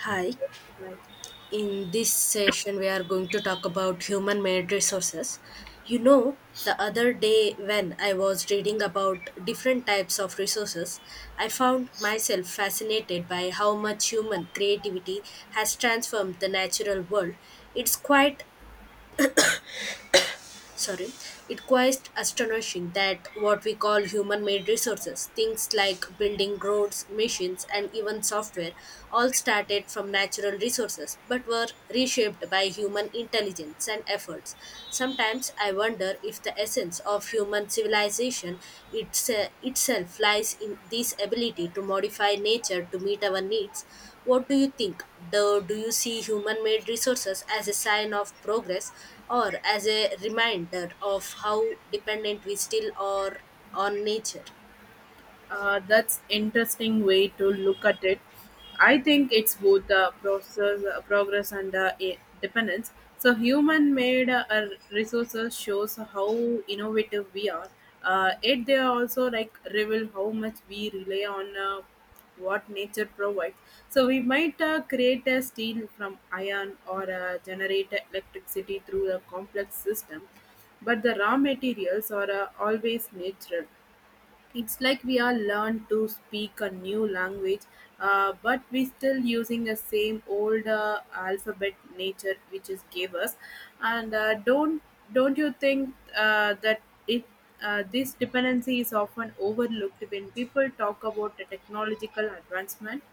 Hi, in this session, we are going to talk about human made resources. You know, the other day when I was reading about different types of resources, I found myself fascinated by how much human creativity has transformed the natural world. It's quite sorry it quite astonishing that what we call human made resources, things like building roads, machines, and even software, all started from natural resources but were reshaped by human intelligence and efforts. Sometimes I wonder if the essence of human civilization it's, itself lies in this ability to modify nature to meet our needs. What do you think? Do you see human made resources as a sign of progress or as a reminder of how dependent we still are on nature? That's interesting way to look at it. I think it's both the process, progress and dependence. So human-made resources shows how innovative we are. It they also like reveal how much we rely on what nature provides. So we might create a steel from iron or generate electricity through a complex system, but the raw materials are always natural. It's like we are learned to speak a new language, but we still using the same old alphabet nature which is gave us. And don't you think that it this dependency is often overlooked when people talk about the technological advancement?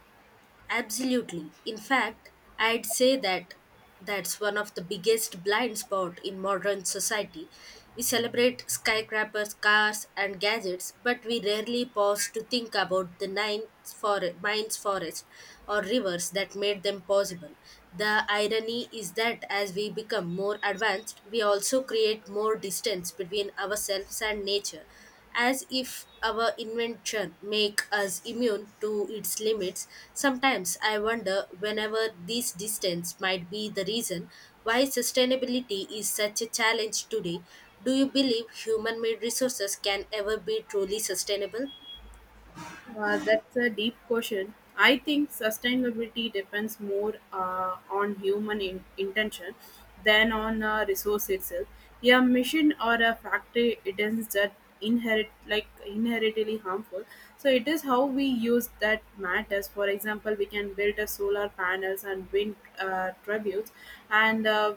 Absolutely. In fact, I'd say that's one of the biggest blind spot in modern society. We celebrate skyscrapers, cars, and gadgets, but we rarely pause to think about the mines, forests, or rivers that made them possible. The irony is that as we become more advanced, we also create more distance between ourselves and nature, as if our invention make us immune to its limits. Sometimes I wonder whenever this distance might be the reason why sustainability is such a challenge today. Do you believe human made resources can ever be truly sustainable? That's a deep question. I think sustainability depends more on human intention than on a resource itself. A mission or a factory it is that inherit like inherently harmful. So it is how we use that matters. For example, we can build a solar panels and wind turbines, and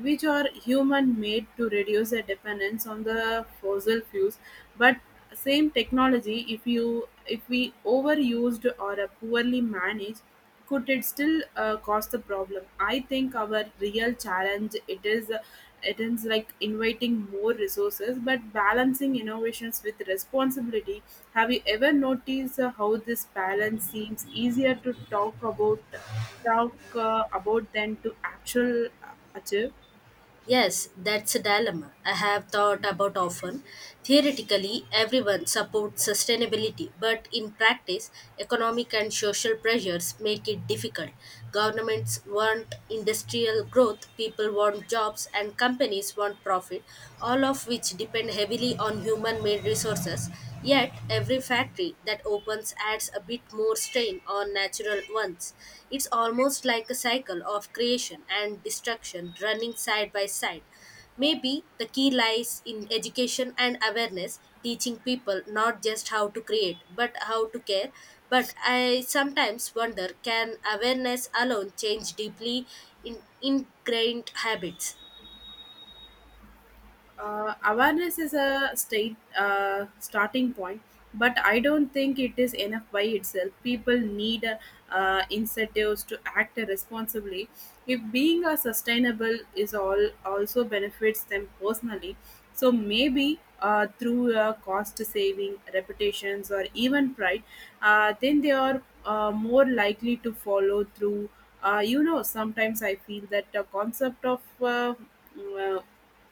which are human-made to reduce the dependence on the fossil fuels. But same technology, if we overused or poorly managed, could it still cause the problem? I think our real challenge it is like inviting more resources, but balancing innovations with responsibility. Have you ever noticed how this balance seems easier to talk about? Talk about than to actual achieve. Yes, that's a dilemma I have thought about often. Theoretically, everyone supports sustainability, but in practice, economic and social pressures make it difficult. Governments want industrial growth, people want jobs, and companies want profit, all of which depend heavily on human made resources. Yet, every factory that opens adds a bit more strain on natural ones. It's almost like a cycle of creation and destruction running side by side. Maybe the key lies in education and awareness, teaching people not just how to create, but how to care. But I sometimes wonder, can awareness alone change deeply in ingrained habits? Awareness is a state starting point, but I don't think it is enough by itself. People need incentives to act responsibly. If being a sustainable is all also benefits them personally, so maybe through cost saving, reputations, or even pride, then they are more likely to follow through. Sometimes I feel that the concept of mm, uh,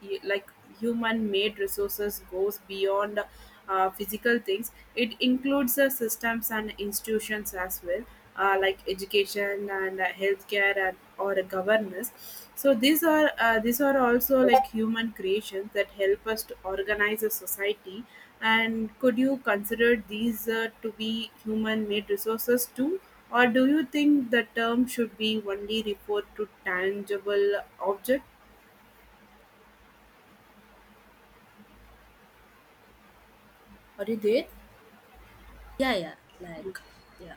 like human made resources goes beyond physical things. It includes the systems and institutions as well, like education and healthcare and or governance. So these are also like human creations that help us to organize a society, and could you consider these to be human made resources too, or do you think the term should be only referred to tangible object? Yeah, yeah, like, yeah.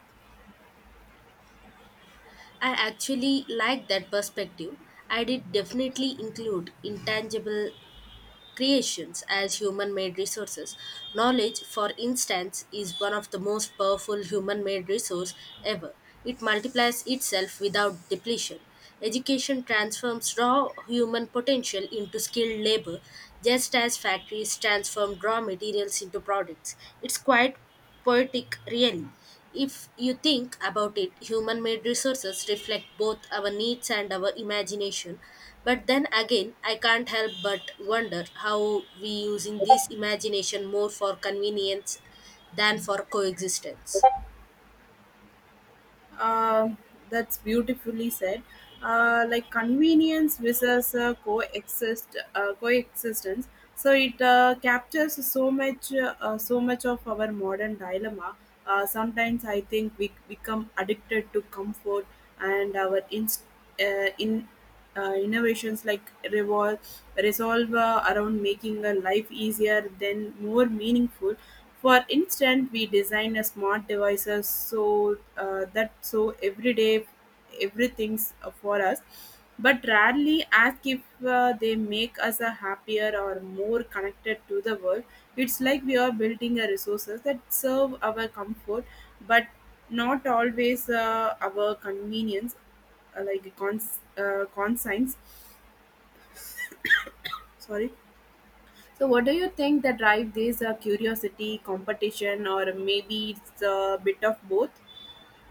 I actually like that perspective. I did definitely include intangible creations as human made resources. Knowledge, for instance, is one of the most powerful human made resource ever. It multiplies itself without depletion. Education transforms raw human potential into skilled labor, just as factories transform raw materials into products. It's quite poetic, really. If you think about it, human made resources reflect both our needs and our imagination. But then again, I can't help but wonder how we using this imagination more for convenience than for coexistence. Uh, that's beautifully said. Like convenience versus coexistence. So it captures so much of our modern dilemma. Sometimes I think we become addicted to comfort and our inst- in innovations like resolve around making a life easier, then more meaningful. For instance, we design a smart devices so that every day everything's for us, but rarely ask if they make us a happier or more connected to the world. It's like we are building a resources that serve our comfort, but not always our convenience consigns. Sorry. So, what do you think that drive these curiosity, competition, or maybe it's a bit of both?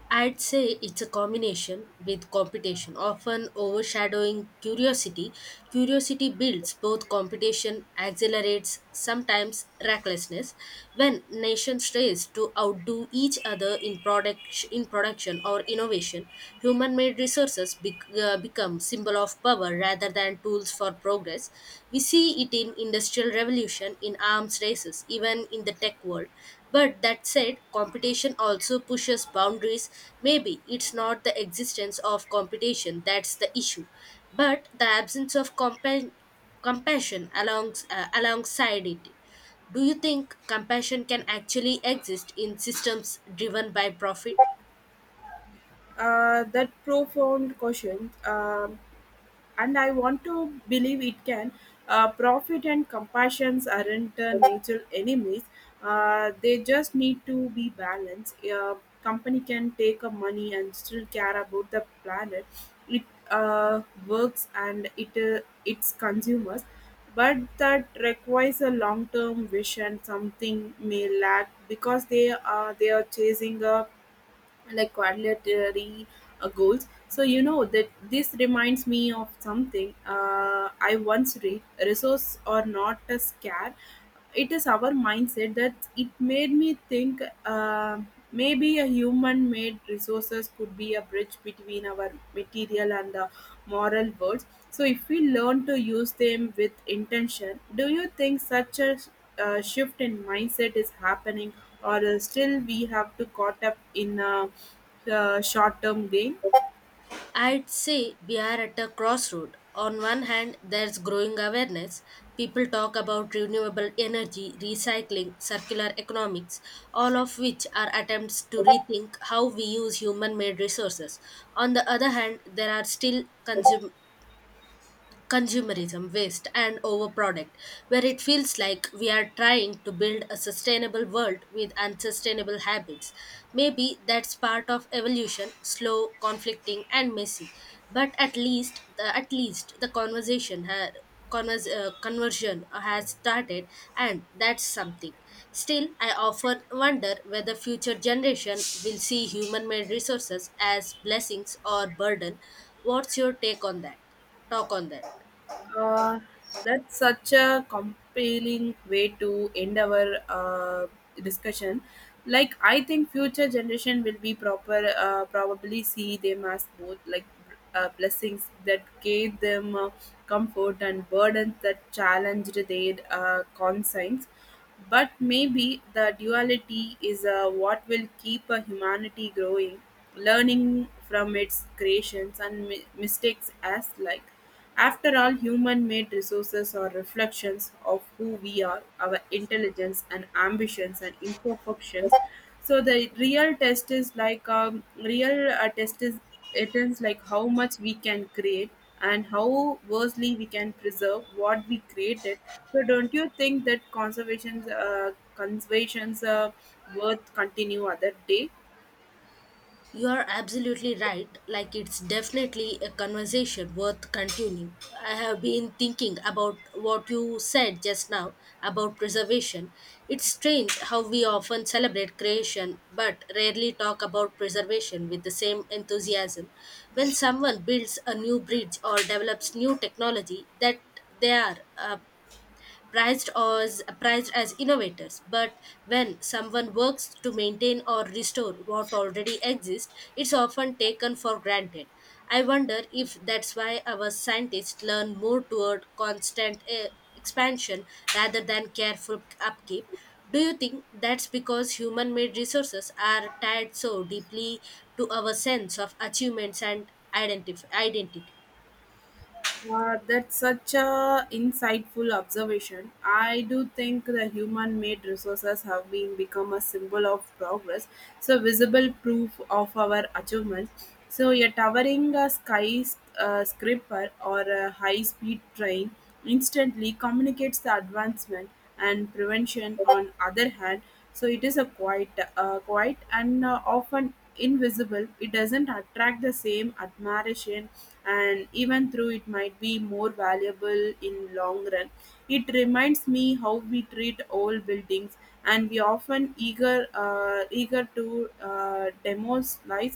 I'd say it's a combination with competition, often overshadowing curiosity. Curiosity builds both competition, accelerates sometimes recklessness. When nations race to outdo each other in product in production or innovation, human-made resources become symbol of power rather than tools for progress. We see it in industrial revolution, in arms races, even in the tech world. But that said, competition also pushes boundaries. Maybe it's not the existence of competition that's the issue, but the absence of compassion alongside it. Do you think compassion can actually exist in systems driven by profit? That profound question. And I want to believe it can. Profit and compassions aren't natural enemies. They just need to be balanced. A company can take a money and still care about the planet. It works and it its consumers, but that requires a long-term vision. Something may lack because they are chasing a like quality goals. So you know that this reminds me of something, I once read resources are not a scare, it is our mindset that it made me think, maybe a human made resources could be a bridge between our material and the moral worlds. So if we learn to use them with intention, do you think such a shift in mindset is happening, or still we have to caught up in short term gain? I'd say we are at a crossroad. On one hand, there's growing awareness. People talk about renewable energy, recycling, circular economics, all of which are attempts to rethink how we use human made resources. On the other hand, there are still consumerism, waste, and overproduct, where it feels like we are trying to build a sustainable world with unsustainable habits. Maybe that's part of evolution, slow, conflicting, and messy. But at least, at least the conversation conversion has started, and that's something. Still, I often wonder whether future generation will see human-made resources as blessings or burden. What's your take on that? Talk on that. Uh, that's such a compelling way to end our discussion. Like, I think future generation will be proper probably see them as both like blessings that gave them comfort and burdens that challenged their conscience. But maybe the duality is what will keep humanity growing, learning from its creations and mistakes as like. After all, human made resources are reflections of who we are, our intelligence and ambitions and imperfections. So, the real test is like real test is it is like how much we can create and how versely we can preserve what we created. So don't you think that conservation's worth continue other day? You are absolutely right. Like, it's definitely a conversation worth continuing. I have been thinking about what you said just now about preservation. It's strange how we often celebrate creation but rarely talk about preservation with the same enthusiasm. When someone builds a new bridge or develops new technology, that they are prized as innovators, but when someone works to maintain or restore what already exists, it's often taken for granted. I wonder if that's why our scientists learn more toward constant expansion rather than careful upkeep. Do you think that's because human made resources are tied so deeply to our sense of achievements and identity? That's such a insightful observation. I do think the human-made resources have been become a symbol of progress, so visible proof of our achievements. So a towering sky scraper or a high-speed train instantly communicates the advancement and prevention. On other hand, so it is a quite and often invisible, it doesn't attract the same admiration and even though it might be more valuable in long run. It reminds me how we treat old buildings and we often eager to demolish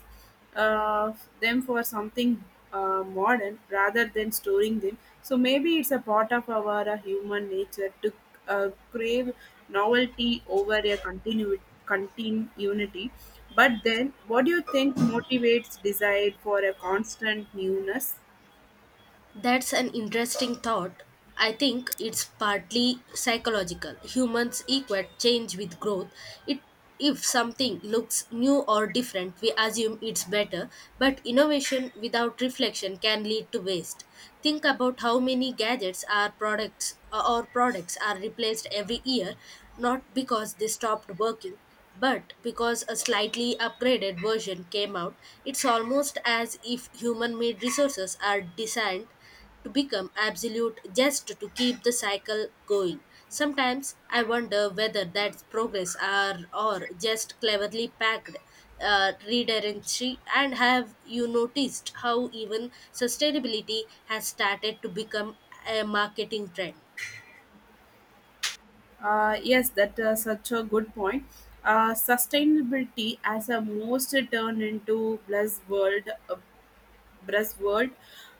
uh, them for something modern rather than storing them. So maybe it's a part of our human nature to crave novelty over a continuity. But then, what do you think motivates desire for a constant newness? That's an interesting thought. I think it's partly psychological. Humans equate change with growth. It, if something looks new or different, we assume it's better, but innovation without reflection can lead to waste. Think about how many gadgets are products or products are replaced every year, not because they stopped working, but because a slightly upgraded version came out. It's almost as if human made resources are designed to become absolute just to keep the cycle going. Sometimes I wonder whether that's progress are or just cleverly packed redundancy. And have you noticed how even sustainability has started to become a marketing trend? Yes, that such a good point. Sustainability as a most turned into buzzword,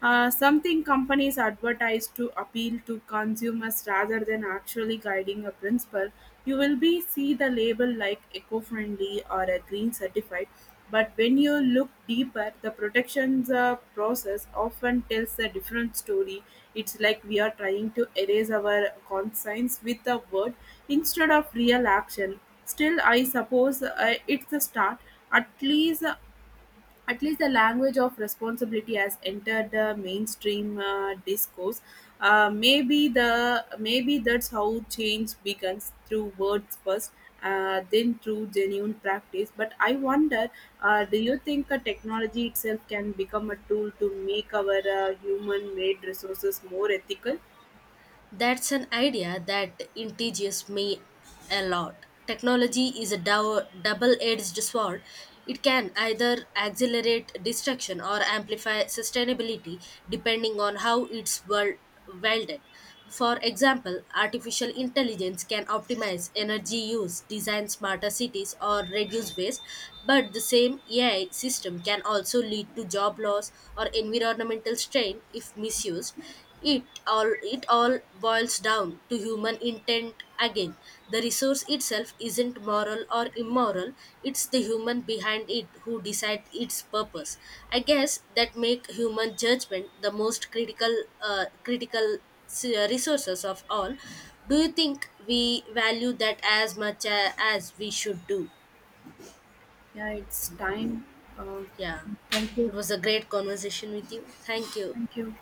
something companies advertise to appeal to consumers rather than actually guiding a principle. You will be see the label like eco-friendly or a green certified, but when you look deeper, the protections process often tells a different story. It's like we are trying to erase our conscience with a word instead of real action. Still, I suppose it's a start. At least at least the language of responsibility has entered the mainstream discourse. Maybe that's how change begins through words first, then through genuine practice. But I wonder, do you think a technology itself can become a tool to make our human-made resources more ethical? That's an idea that intrigues me a lot. Technology is a double edged sword. It can either accelerate destruction or amplify sustainability depending on how it's wielded. For example, artificial intelligence can optimize energy use, design smarter cities, or reduce waste, but the same AI system can also lead to job loss or environmental strain if misused. It all boils down to human intent again. The resource itself isn't moral or immoral, it's the human behind it who decide its purpose. I guess that make human judgment the most critical uh, critical resources of all. Do you think we value that as much as we should do? Yeah, it's time. Uh, Yeah. thank It you. was a great conversation with you. Thank you. Thank you.